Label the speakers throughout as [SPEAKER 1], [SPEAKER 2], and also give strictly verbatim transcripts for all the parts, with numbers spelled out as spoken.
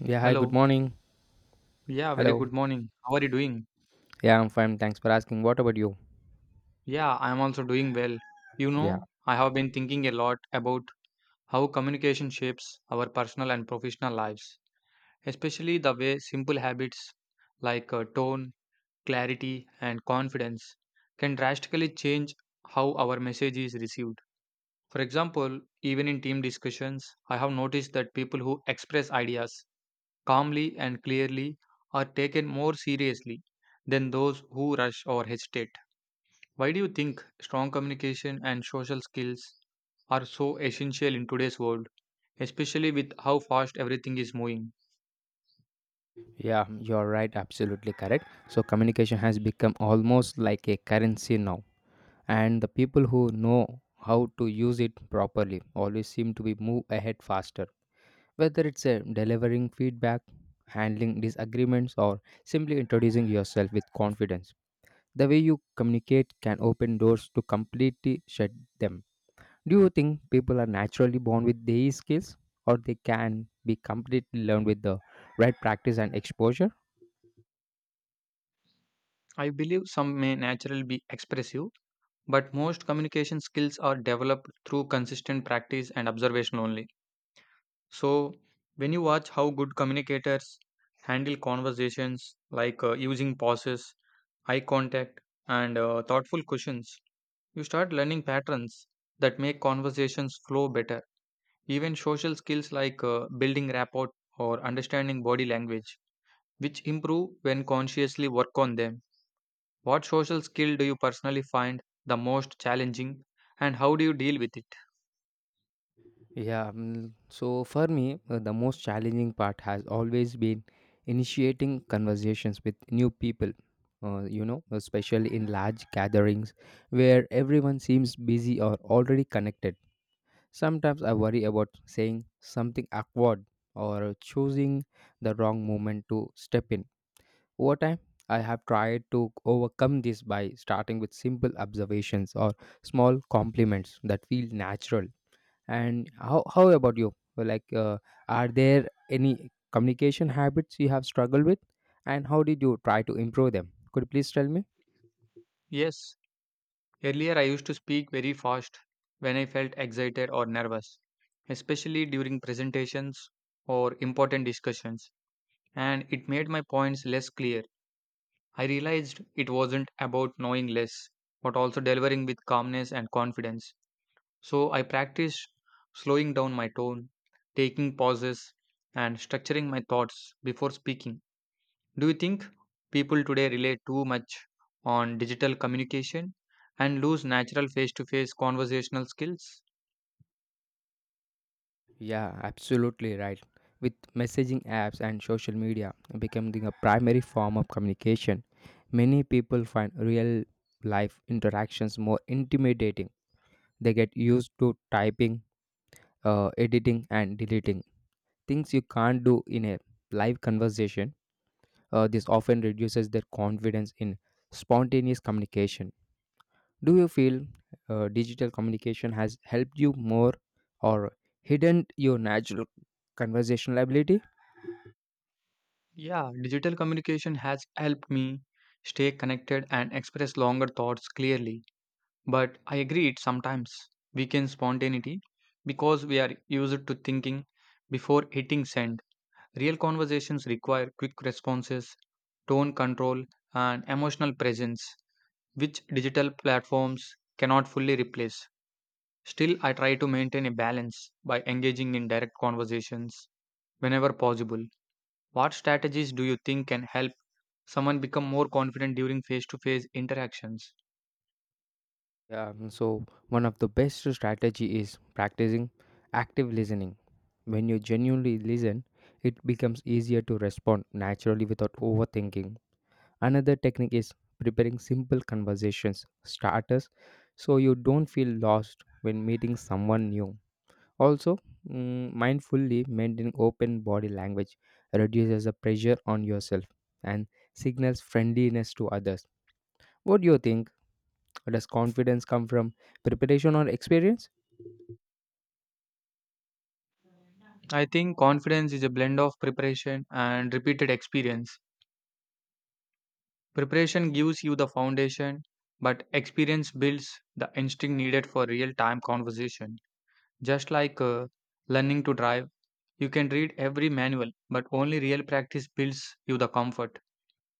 [SPEAKER 1] Yeah, hi, good
[SPEAKER 2] Hello.
[SPEAKER 1] morning.
[SPEAKER 2] Yeah, very
[SPEAKER 1] Hello.
[SPEAKER 2] good morning. How are you doing?
[SPEAKER 1] Yeah, I'm fine. Thanks for asking. What about you?
[SPEAKER 2] Yeah, I'm also doing well. You
[SPEAKER 1] Yeah,
[SPEAKER 2] know, I have been thinking a lot about how communication shapes our personal and professional lives, especially the way simple habits like uh, tone, clarity, and confidence can drastically change how our message is received. For example, even in team discussions, I have noticed that people who express ideas calmly and clearly are taken more seriously than those who rush or hesitate. Why do you think strong communication and social skills are so essential in today's world, especially with how fast everything is moving?
[SPEAKER 1] yeah, you're right. Absolutely correct. So, communication has become almost like a currency now. And the people who know how to use it properly always seem to be move ahead faster. Whether it's a delivering feedback, handling disagreements, or simply introducing yourself with confidence, the way you communicate can open doors to completely shut them. Do you think people are naturally born with these skills or they can be completely learned with the right practice and exposure?
[SPEAKER 2] I believe some may naturally be expressive, but most communication skills are developed through consistent practice and observation only. So, when you watch how good communicators handle conversations, like uh, using pauses, eye contact, and uh, thoughtful questions, you start learning patterns that make conversations flow better. Even social skills like uh, building rapport or understanding body language, which improve when consciously work on them. What social skill do you personally find the most challenging and how do you deal with it?
[SPEAKER 1] Yeah, mm, so for me, uh, the most challenging part has always been initiating conversations with new people. Uh, you know, especially in large gatherings where everyone seems busy or already connected. Sometimes I worry about saying something awkward or choosing the wrong moment to step in. Over time, I have tried to overcome this by starting with simple observations or small compliments that feel natural. And how, how about you? Well, Like, uh, are there any communication habits you have struggled with? And how did you try to improve them? Could you please tell me?
[SPEAKER 2] Yes, earlier I used to speak very fast when I felt excited or nervous, especially during presentations or important discussions, and it made my points less clear. I realized it wasn't about knowing less, but also delivering with calmness and confidence. So I practice slowing down my tone, taking pauses, and structuring my thoughts before speaking. Do you think people today rely too much on digital communication and lose natural face to face conversational skills?
[SPEAKER 1] Yeah, absolutely right. With messaging apps and social media becoming a primary form of communication, many people find real life interactions more intimidating. They get used to typing, uh, editing, and deleting things you can't do in a live conversation. Uh, this often reduces their confidence in spontaneous communication. Do you feel uh, digital communication has helped you more or hidden your natural conversational ability?
[SPEAKER 2] Yeah, digital communication has helped me stay connected and express longer thoughts clearly. But I agree it sometimes weakens spontaneity because we are used to thinking before hitting send. Real conversations require quick responses, tone control, and emotional presence, which digital platforms cannot fully replace. Still, I try to maintain a balance by engaging in direct conversations whenever possible. What strategies do you think can help someone become more confident during face to face interactions?
[SPEAKER 1] Yeah, mm, so one of the best strategy is practicing active listening. When you genuinely listen, it becomes easier to respond naturally without overthinking. Another technique is preparing simple conversations starters so you don't feel lost when meeting someone new. Also, mm, mindfully maintaining open body language reduces the pressure on yourself and signals friendliness to others. What do you think? Does confidence come from preparation or experience?
[SPEAKER 2] I think confidence is a blend of preparation and repeated experience. Preparation gives you the foundation, but experience builds the instinct needed for real time conversation. Just like uh, learning to drive, you can read every manual, but only real practice builds you the comfort.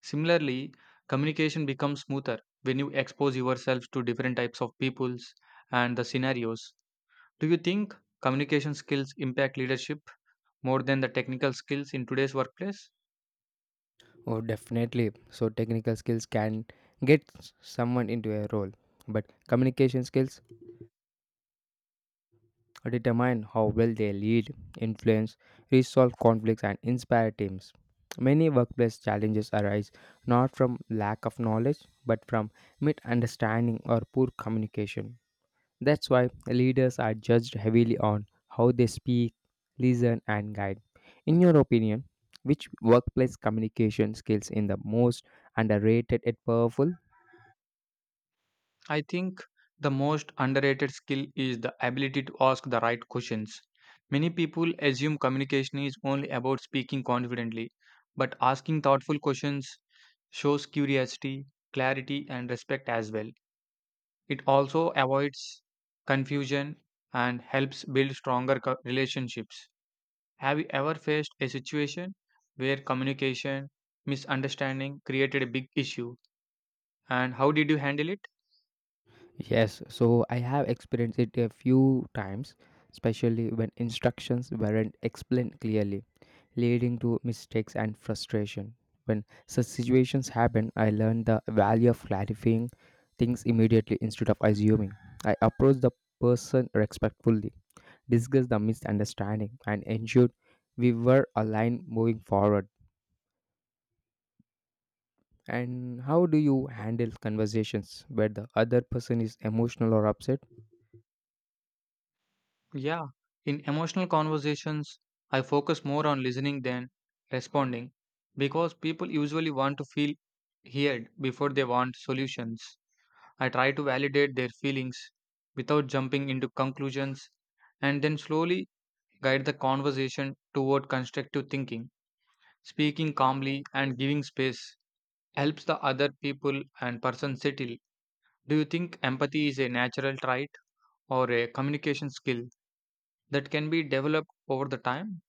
[SPEAKER 2] Similarly, communication becomes smoother when you expose yourself to different types of peoples and the scenarios. Do you think communication skills impact leadership more than the technical skills in today's workplace?
[SPEAKER 1] Oh, definitely. So, technical skills can get s- someone into a role, but communication skills determine how well they lead, influence, resolve conflicts, and inspire teams. Many workplace challenges arise not from lack of knowledge but from misunderstanding or poor communication. That's why leaders are judged heavily on how they speak, listen, and guide. In your opinion, which workplace communication skills in the most underrated and powerful?
[SPEAKER 2] I think the most underrated skill is the ability to ask the right questions. Many people assume communication is only about speaking confidently, but asking thoughtful questions shows curiosity, clarity, and respect as well. It also avoids confusion and helps build stronger co- relationships. Have you ever faced a situation where communication misunderstanding created a big issue, and how did you handle it?
[SPEAKER 1] Yes, so I have experienced it a few times, especially when instructions weren't explained clearly, leading to mistakes and frustration. When such situations happen, I learned the value of clarifying things immediately instead of assuming. I approached the person respectfully, discussed the misunderstanding, and ensured we were aligned moving forward. And how do you handle conversations where the other person is emotional or upset?
[SPEAKER 2] Yeah, in emotional conversations, I focus more on listening than responding because people usually want to feel heard before they want solutions. I try to validate their feelings without jumping into conclusions and then slowly guide the conversation toward constructive thinking. Speaking calmly and giving space helps the other people and person settle. Do you think empathy is a natural trait or a communication skill that can be developed over the time?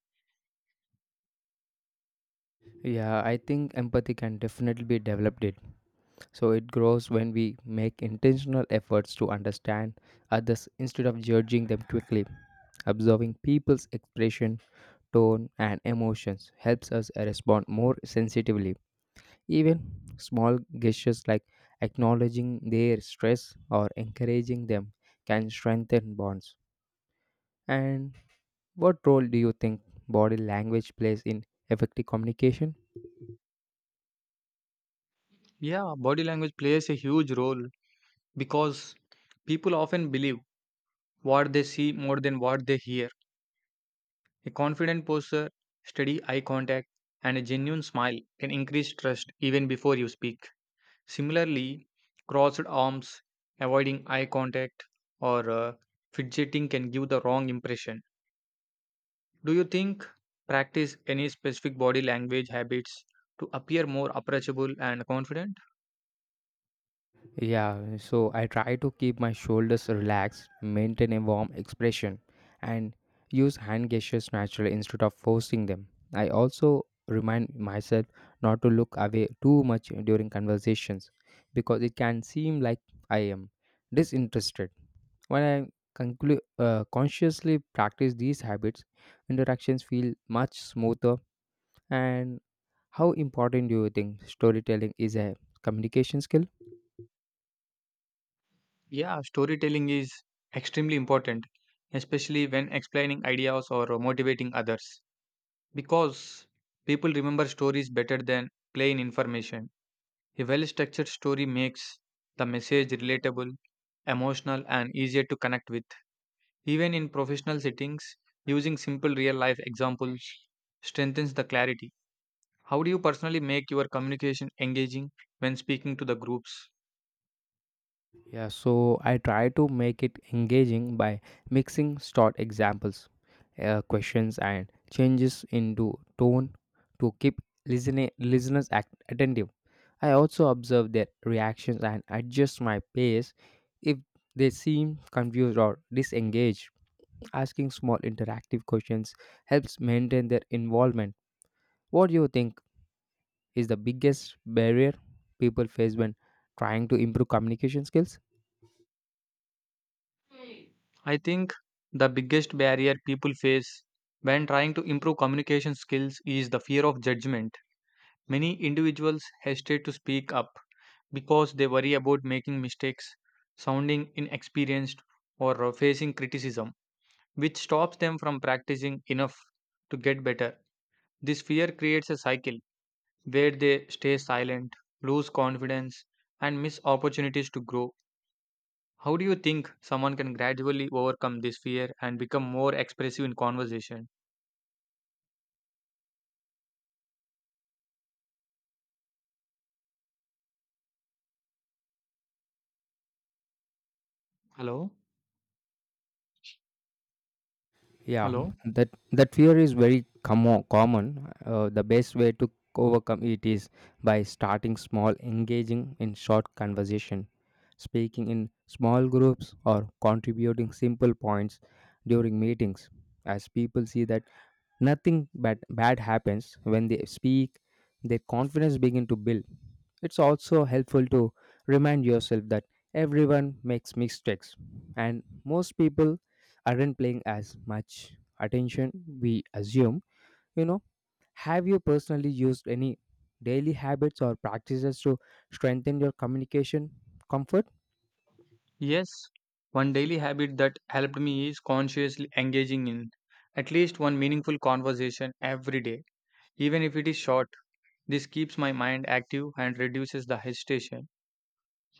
[SPEAKER 1] Yeah, I think empathy can definitely be developed. It so it grows when we make intentional efforts to understand others instead of judging them quickly. Observing people's expression, tone, and emotions helps us respond more sensitively. Even small gestures like acknowledging their stress or encouraging them can strengthen bonds. And what role do you think body language plays in effective communication?
[SPEAKER 2] Yeah, body language plays a huge role because people often believe what they see more than what they hear. A confident posture, steady eye contact, and a genuine smile can increase trust even before you speak. Similarly, crossed arms, avoiding eye contact, or uh, fidgeting can give the wrong impression. Do you think practice any specific body language habits to appear more approachable and confident?
[SPEAKER 1] Yeah, so I try to keep my shoulders relaxed, maintain a warm expression, and use hand gestures naturally instead of forcing them. I also remind myself not to look away too much during conversations because it can seem like I am disinterested. When I conclu- uh, consciously practice these habits, interactions feel much smoother. And how important do you think storytelling is a communication skill?
[SPEAKER 2] Yeah, storytelling is extremely important, especially when explaining ideas or motivating others, because people remember stories better than plain information. A well structured story makes the message relatable, emotional, and easier to connect with. Even in professional settings, using simple real life examples strengthens the clarity. How do you personally make your communication engaging when speaking to the groups?
[SPEAKER 1] Yeah, so I try to make it engaging by mixing short examples, uh, questions, and changes into tone to keep listening listeners act- attentive. I also observe their reactions and adjust my pace if they seem confused or disengaged. Asking small interactive questions helps maintain their involvement. What do you think is the biggest barrier people face when trying to improve communication skills?
[SPEAKER 2] I think the biggest barrier people face when trying to improve communication skills is the fear of judgment. Many individuals hesitate to speak up because they worry about making mistakes, sounding inexperienced, or uh, facing criticism, which stops them from practicing enough to get better. This fear creates a cycle where they stay silent, lose confidence, and miss opportunities to grow. How do you think someone can gradually overcome this fear and become more expressive in conversation? Hello?
[SPEAKER 1] Yeah,
[SPEAKER 2] Hello?
[SPEAKER 1] that that fear is very commo common. Uh, the best way to overcome it is by starting small, engaging in short conversation, speaking in small groups, or contributing simple points during meetings. As people see that nothing bad, bad happens when they speak, their confidence begin to build. It's also helpful to remind yourself that everyone makes mistakes and most people aren't paying as much attention we assume, you know have you personally used any daily habits or practices to strengthen your communication comfort?
[SPEAKER 2] Yes, one daily habit that helped me is consciously engaging in at least one meaningful conversation every day, even if it is short. This keeps my mind active and reduces the hesitation.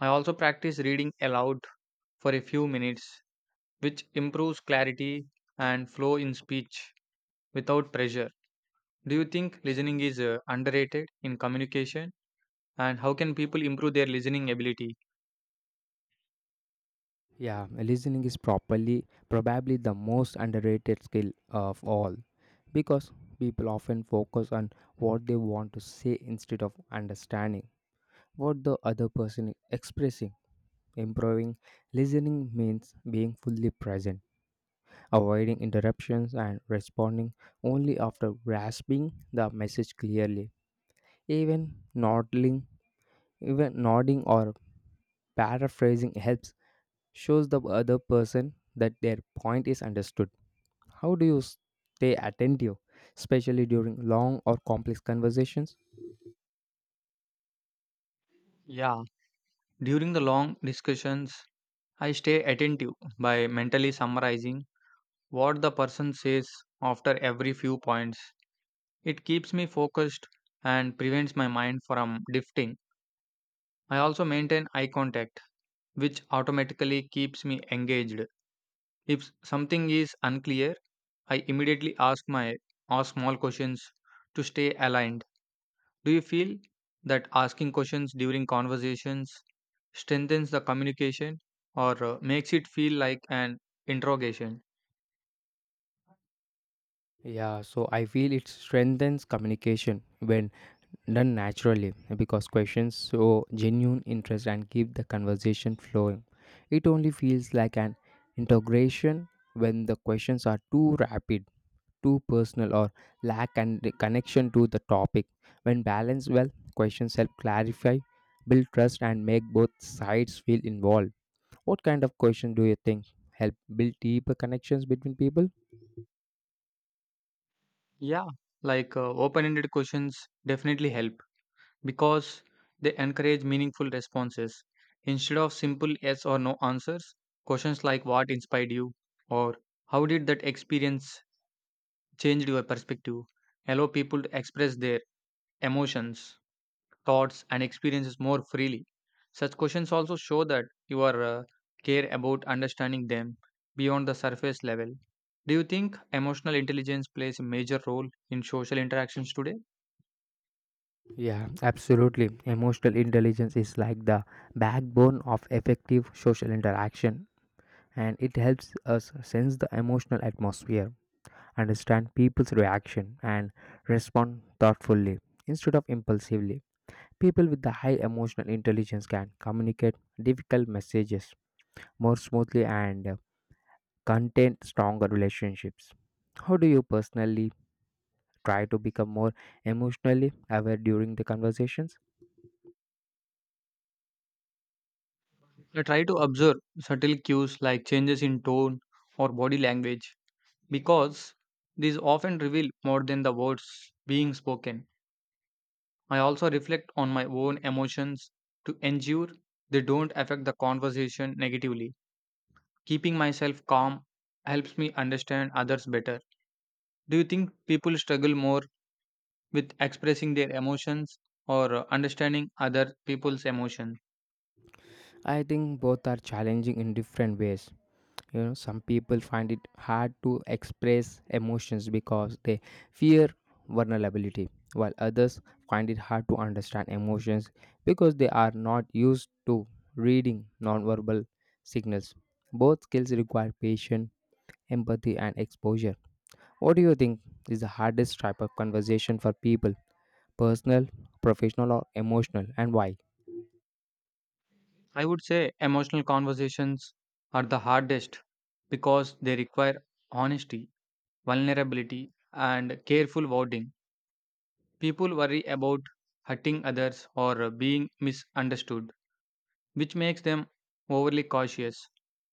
[SPEAKER 2] I also practice reading aloud for a few minutes, which improves clarity and flow in speech without pressure. Do you think listening is uh, underrated in communication? And how can people improve their listening ability?
[SPEAKER 1] Yeah, listening is properly probably the most underrated skill of all because people often focus on what they want to say instead of understanding what the other person is expressing. Improving listening means being fully present, avoiding interruptions and responding only after grasping the message clearly. Even nodding, even nodding or paraphrasing helps shows the other person that their point is understood. How do you stay attentive, especially during long or complex conversations?
[SPEAKER 2] Yeah, during the long discussions, I stay attentive by mentally summarizing what the person says after every few points. It keeps me focused and prevents my mind from drifting. I also maintain eye contact, which automatically keeps me engaged. If something is unclear, I immediately ask my ask small questions to stay aligned. Do you feel that asking questions during conversations strengthens the communication or uh, makes it feel like an interrogation?
[SPEAKER 1] Yeah, so I feel it strengthens communication when done naturally because questions show genuine interest and keep the conversation flowing. It only feels like an integration when the questions are too rapid too personal or lack and connection to the topic. When balanced well, questions help clarify, build trust, and make both sides feel involved. What kind of question do you think help build deeper connections between people?
[SPEAKER 2] Yeah, like uh, open ended questions definitely help because they encourage meaningful responses. Instead of simple yes or no answers, questions like what inspired you or how did that experience change your perspective allow people to express their emotions, thoughts, and experiences more freely. Such questions also show that you are uh, care about understanding them beyond the surface level. Do you think emotional intelligence plays a major role in social interactions today?
[SPEAKER 1] Yeah, absolutely. Emotional intelligence is like the backbone of effective social interaction, and it helps us sense the emotional atmosphere, understand people's reaction, and respond thoughtfully instead of impulsively. People with the high emotional intelligence can communicate difficult messages more smoothly and uh, contain stronger relationships. How do you personally try to become more emotionally aware during the conversations?
[SPEAKER 2] I try to observe subtle cues like changes in tone or body language because these often reveal more than the words being spoken. I also reflect on my own emotions to ensure they don't affect the conversation negatively. Keeping myself calm helps me understand others better. Do you think people struggle more with expressing their emotions or uh, understanding other people's emotions?
[SPEAKER 1] I think both are challenging in different ways. You know, some people find it hard to express emotions because they fear vulnerability, while others find it hard to understand emotions because they are not used to reading nonverbal signals. Both skills require patience, empathy and exposure. What do you think is the hardest type of conversation for people, personal, professional or emotional, and why?
[SPEAKER 2] I would say emotional conversations are the hardest because they require honesty, vulnerability, and careful wording. People worry about hurting others or uh, being misunderstood, which makes them overly cautious.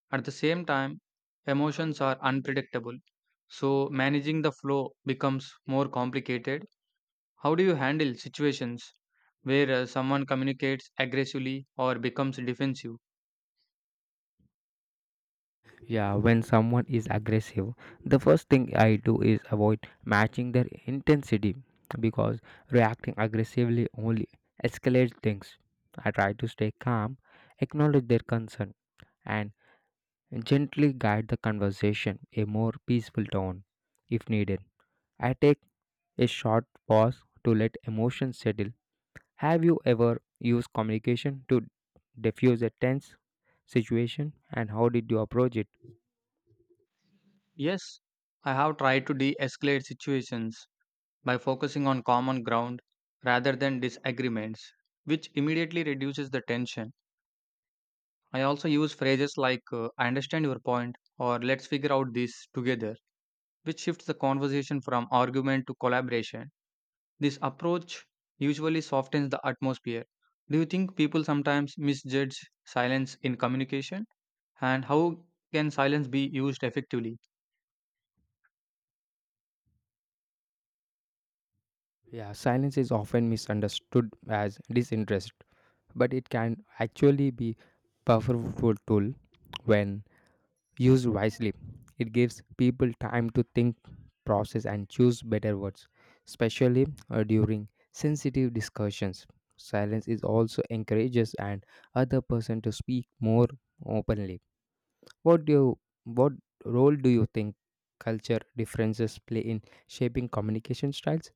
[SPEAKER 2] At the same time, emotions are unpredictable, so managing the flow becomes more complicated. How do you handle situations where uh, someone communicates aggressively or becomes defensive?
[SPEAKER 1] Yeah, when someone is aggressive, the first thing I do is avoid matching their intensity because reacting aggressively only escalates things. I try to stay calm, acknowledge their concern, and gently guide the conversation a more peaceful tone if needed. I take a short pause to let emotions settle. Have you ever used communication to diffuse a tense situation and how did you approach it?
[SPEAKER 2] Yes, I have tried to de escalate situations by focusing on common ground rather than disagreements, which immediately reduces the tension. I also use phrases like, uh, I understand your point, or let's figure out this together, which shifts the conversation from argument to collaboration. This approach usually softens the atmosphere. Do you think people sometimes misjudge silence in communication? And how can silence be used effectively?
[SPEAKER 1] Yeah, silence is often misunderstood as disinterest, but it can actually be powerful tool when used wisely. It gives people time to think, process and choose better words, especially uh, during sensitive discussions. Silence is also encourages and other person to speak more openly. What do you, what role do you think culture differences play in shaping communication styles?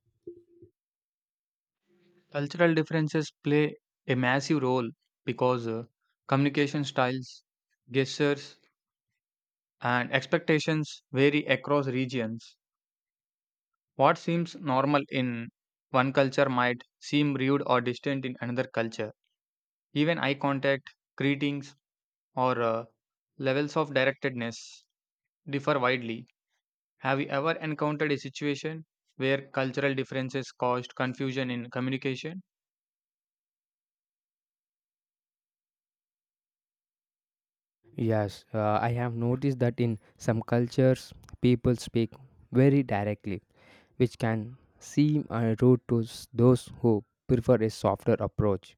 [SPEAKER 2] Cultural differences play a massive role because uh, communication styles, gestures, and expectations vary across regions. What seems normal in one culture might seem rude or distant in another culture. Even eye contact, greetings, or uh, levels of directedness differ widely. Have you ever encountered a situation where cultural differences caused confusion in communication?
[SPEAKER 1] Yes, uh, I have noticed that in some cultures, people speak very directly, which can seem uh, rude to s- those who prefer a softer approach.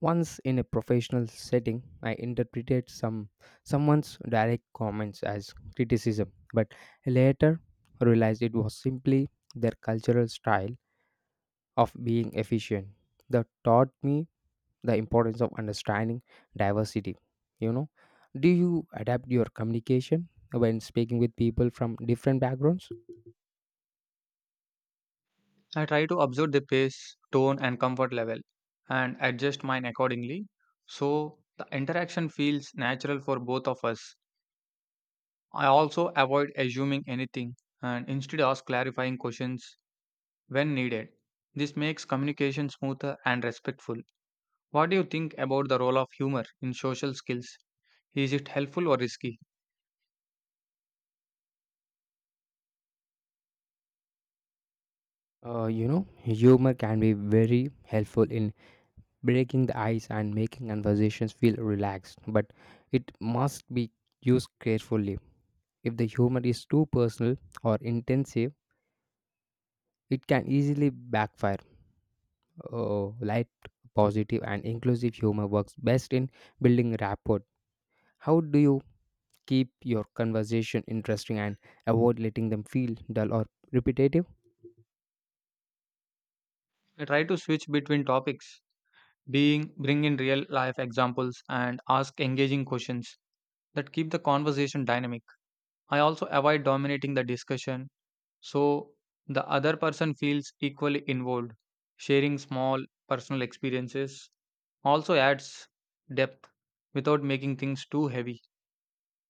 [SPEAKER 1] Once in a professional setting, I interpreted some someone's direct comments as criticism, but later realized it was simply their cultural style of being efficient. That taught me the importance of understanding diversity. you know do you adapt your communication when speaking with people from different backgrounds?
[SPEAKER 2] I try to observe the pace, tone, and comfort level and adjust mine accordingly so the interaction feels natural for both of us. I also avoid assuming anything and instead ask clarifying questions when needed. This makes communication smoother and respectful. What do you think about the role of humor in social skills? Is it helpful or risky?
[SPEAKER 1] Uh, you know, humor can be very helpful in breaking the ice and making conversations feel relaxed, but it must be used carefully. If the humor is too personal or intensive, it can easily backfire. Uh, light, positive and inclusive humor works best in building rapport. How do you keep your conversation interesting and avoid letting them feel dull or repetitive?
[SPEAKER 2] I try to switch between topics, being bring in real life examples and ask engaging questions that keep the conversation dynamic. I also avoid dominating the discussion so the other person feels equally involved. Sharing small personal experiences also adds depth without making things too heavy.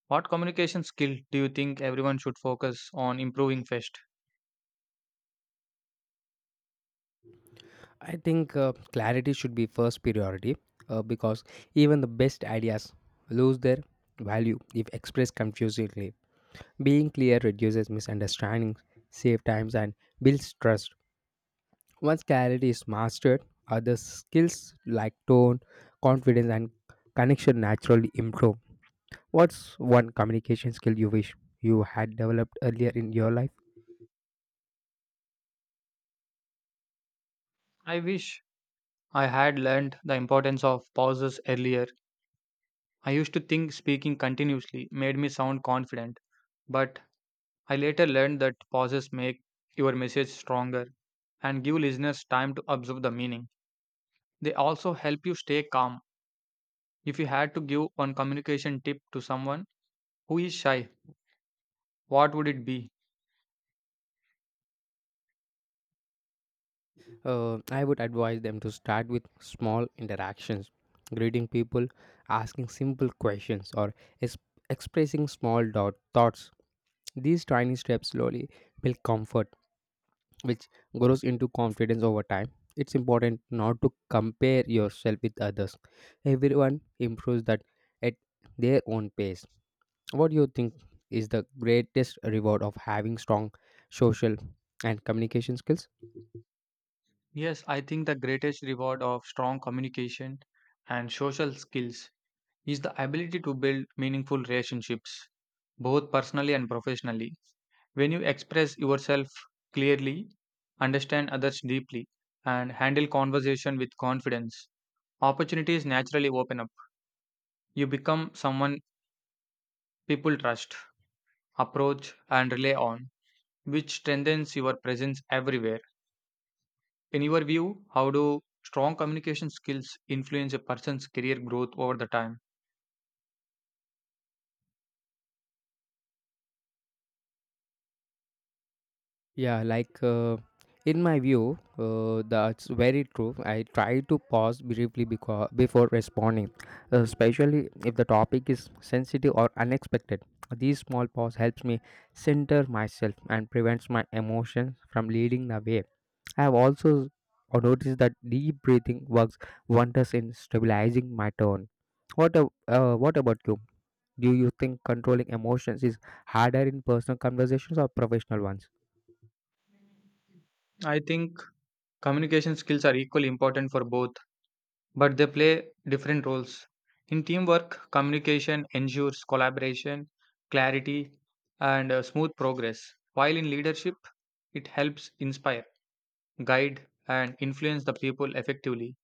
[SPEAKER 2] What communication skill do you think everyone should focus on improving first?
[SPEAKER 1] I think uh, clarity should be first priority uh, because even the best ideas lose their value if expressed confusingly. Being clear reduces misunderstandings, save times, and builds trust. Once clarity is mastered, other skills like tone, confidence, and connection naturally improve. What's one communication skill you wish you had developed earlier in your life?
[SPEAKER 2] I wish I had learned the importance of pauses earlier. I used to think speaking continuously made me sound confident, but I later learned that pauses make your message stronger and give listeners time to observe the meaning. They also help you stay calm. If you had to give one communication tip to someone who is shy, what would it be?
[SPEAKER 1] Uh, I would advise them to start with small interactions, greeting people, asking simple questions, or es- expressing small dot- thoughts. These tiny steps slowly build comfort, which grows into confidence over time. It's important not to compare yourself with others. Everyone improves that at their own pace. What do you think is the greatest reward of having strong social and communication skills?
[SPEAKER 2] Yes, I think the greatest reward of strong communication and social skills is the ability to build meaningful relationships, both personally and professionally. When you express yourself clearly, understand others deeply, and handle conversation with confidence, opportunities naturally open up. You become someone people trust, approach, and rely on, which strengthens your presence everywhere. In your view, how do strong communication skills influence a person's career growth over the time?
[SPEAKER 1] Yeah, like uh, in my view, uh, that's very true. I try to pause briefly because before responding, especially if the topic is sensitive or unexpected. These small pause helps me center myself and prevents my emotions from leading the way. I have also noticed that deep breathing works wonders in stabilizing my tone. What, a, uh, what about you? Do you think controlling emotions is harder in personal conversations or professional ones?
[SPEAKER 2] I think communication skills are equally important for both but they play different roles. In teamwork, communication ensures collaboration, clarity, and uh, smooth progress, while in leadership, it helps inspire, guide, and influence the people effectively.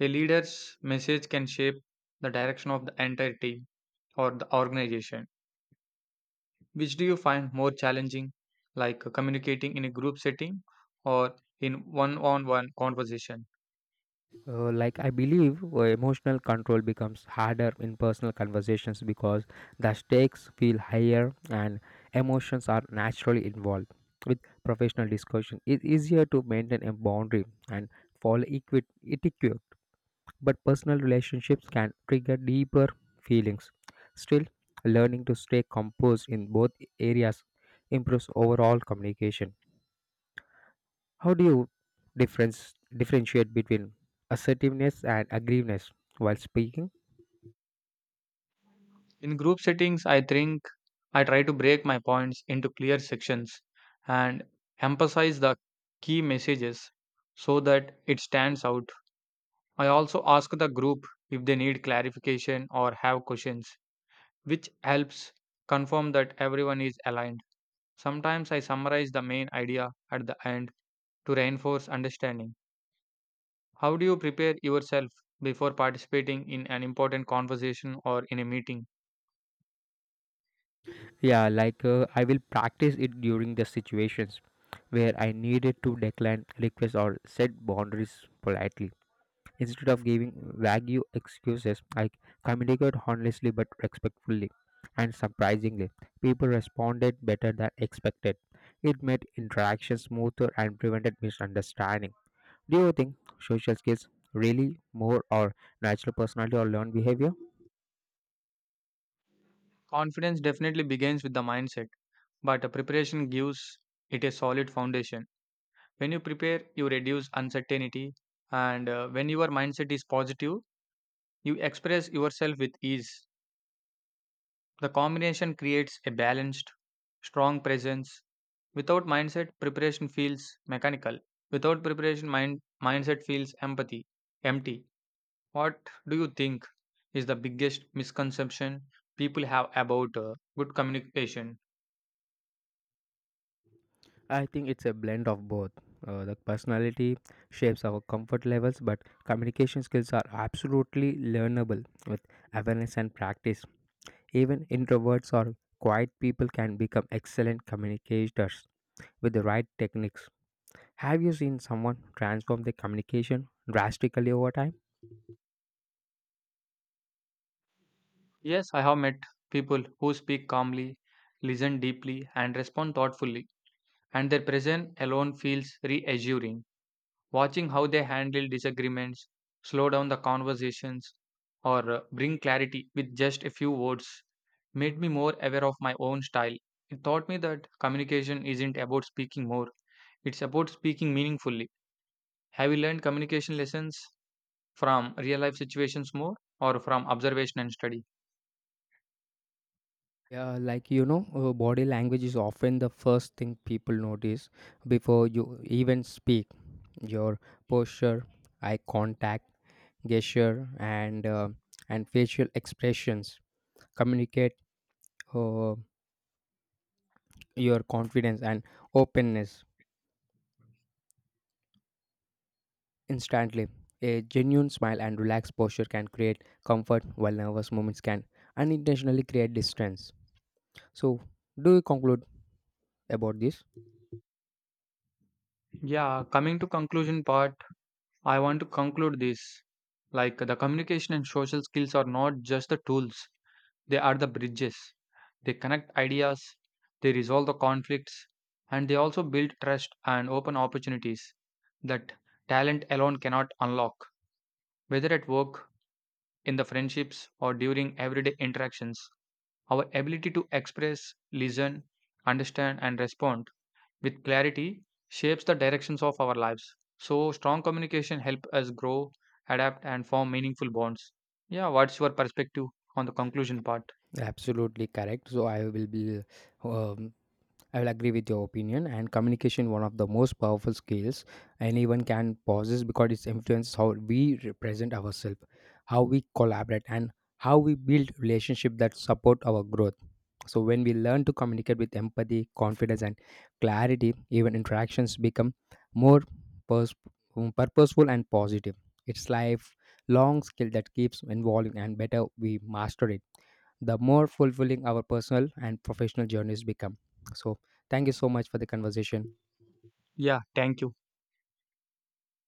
[SPEAKER 2] A leader's message can shape the direction of the entire team or the organization. Which do you find more challenging, like uh, communicating in a group setting or in one on one conversation?
[SPEAKER 1] Uh, like I believe uh, emotional control becomes harder in personal conversations because the stakes feel higher and emotions are naturally involved. With professional discussion, it's easier to maintain a boundary and follow equi- etiquette, but personal relationships can trigger deeper feelings. Still, learning to stay composed in both areas improves overall communication. How do you difference differentiate between assertiveness and aggressiveness while speaking?
[SPEAKER 2] In group settings, I think I try to break my points into clear sections and emphasize the key messages so that it stands out. I also ask the group if they need clarification or have questions, which helps confirm that everyone is aligned. Sometimes I summarize the main idea at the end to reinforce understanding. How do you prepare yourself before participating in an important conversation or in a meeting?
[SPEAKER 1] Yeah, like uh, I will practice it during the situations where I needed to decline requests or set boundaries politely. Instead of giving vague excuses, I communicate honestly but respectfully. And surprisingly, people responded better than expected. It made interactions smoother and prevented misunderstanding. Do you think social skills really more or natural personality or learned behavior?
[SPEAKER 2] Confidence definitely begins with the mindset but the preparation gives it a solid foundation. When you prepare, you reduce uncertainty, and uh, when your mindset is positive, you express yourself with ease. The combination creates a balanced, strong presence. Without mindset, preparation feels mechanical. Without preparation, mind, mindset feels empathy, empty. What do you think is the biggest misconception people have about uh, good communication?
[SPEAKER 1] I think it's a blend of both. Uh, the personality shapes our comfort levels, but communication skills are absolutely learnable with awareness and practice. Even introverts or quiet people can become excellent communicators with the right techniques. Have you seen someone transform their communication drastically over time?
[SPEAKER 2] Yes, I have met people who speak calmly, listen deeply, and respond thoughtfully, and their presence alone feels reassuring. Watching how they handle disagreements, slow down the conversations, or uh, bring clarity with just a few words made me more aware of my own style. It taught me that communication isn't about speaking more, it's about speaking meaningfully. Have you learned communication lessons from real life situations more or from observation and study?
[SPEAKER 1] Yeah, like you know, uh, body language is often the first thing people notice before you even speak. Your posture, eye contact, gesture, and uh, and facial expressions communicate uh, your confidence and openness instantly. A genuine smile and relaxed posture can create comfort, while nervous moments can unintentionally create distance. So, do you conclude about this?
[SPEAKER 2] Yeah, coming to conclusion part I want to conclude this like the communication and social skills are not just the tools, they are the bridges. They connect ideas, they resolve the conflicts, and they also build trust and open opportunities that talent alone cannot unlock. Whether at work, in the friendships, or during everyday interactions, our ability to express, listen, understand, and respond with clarity shapes the directions of our lives. So strong communication help us grow, adapt and form meaningful bonds. Yeah, what's your perspective on the conclusion part?
[SPEAKER 1] Absolutely correct. So, I will be. Um I will agree with your opinion and communication one of the most powerful skills anyone can possess because it influences how we represent ourselves, how we collaborate and how we build relationships that support our growth. So when we learn to communicate with empathy, confidence and clarity, even interactions become more pers- um, purposeful and positive. It's life long skill that keeps evolving and better we master it, the more fulfilling our personal and professional journeys become. So, thank you so much for the conversation.
[SPEAKER 2] Yeah, thank you.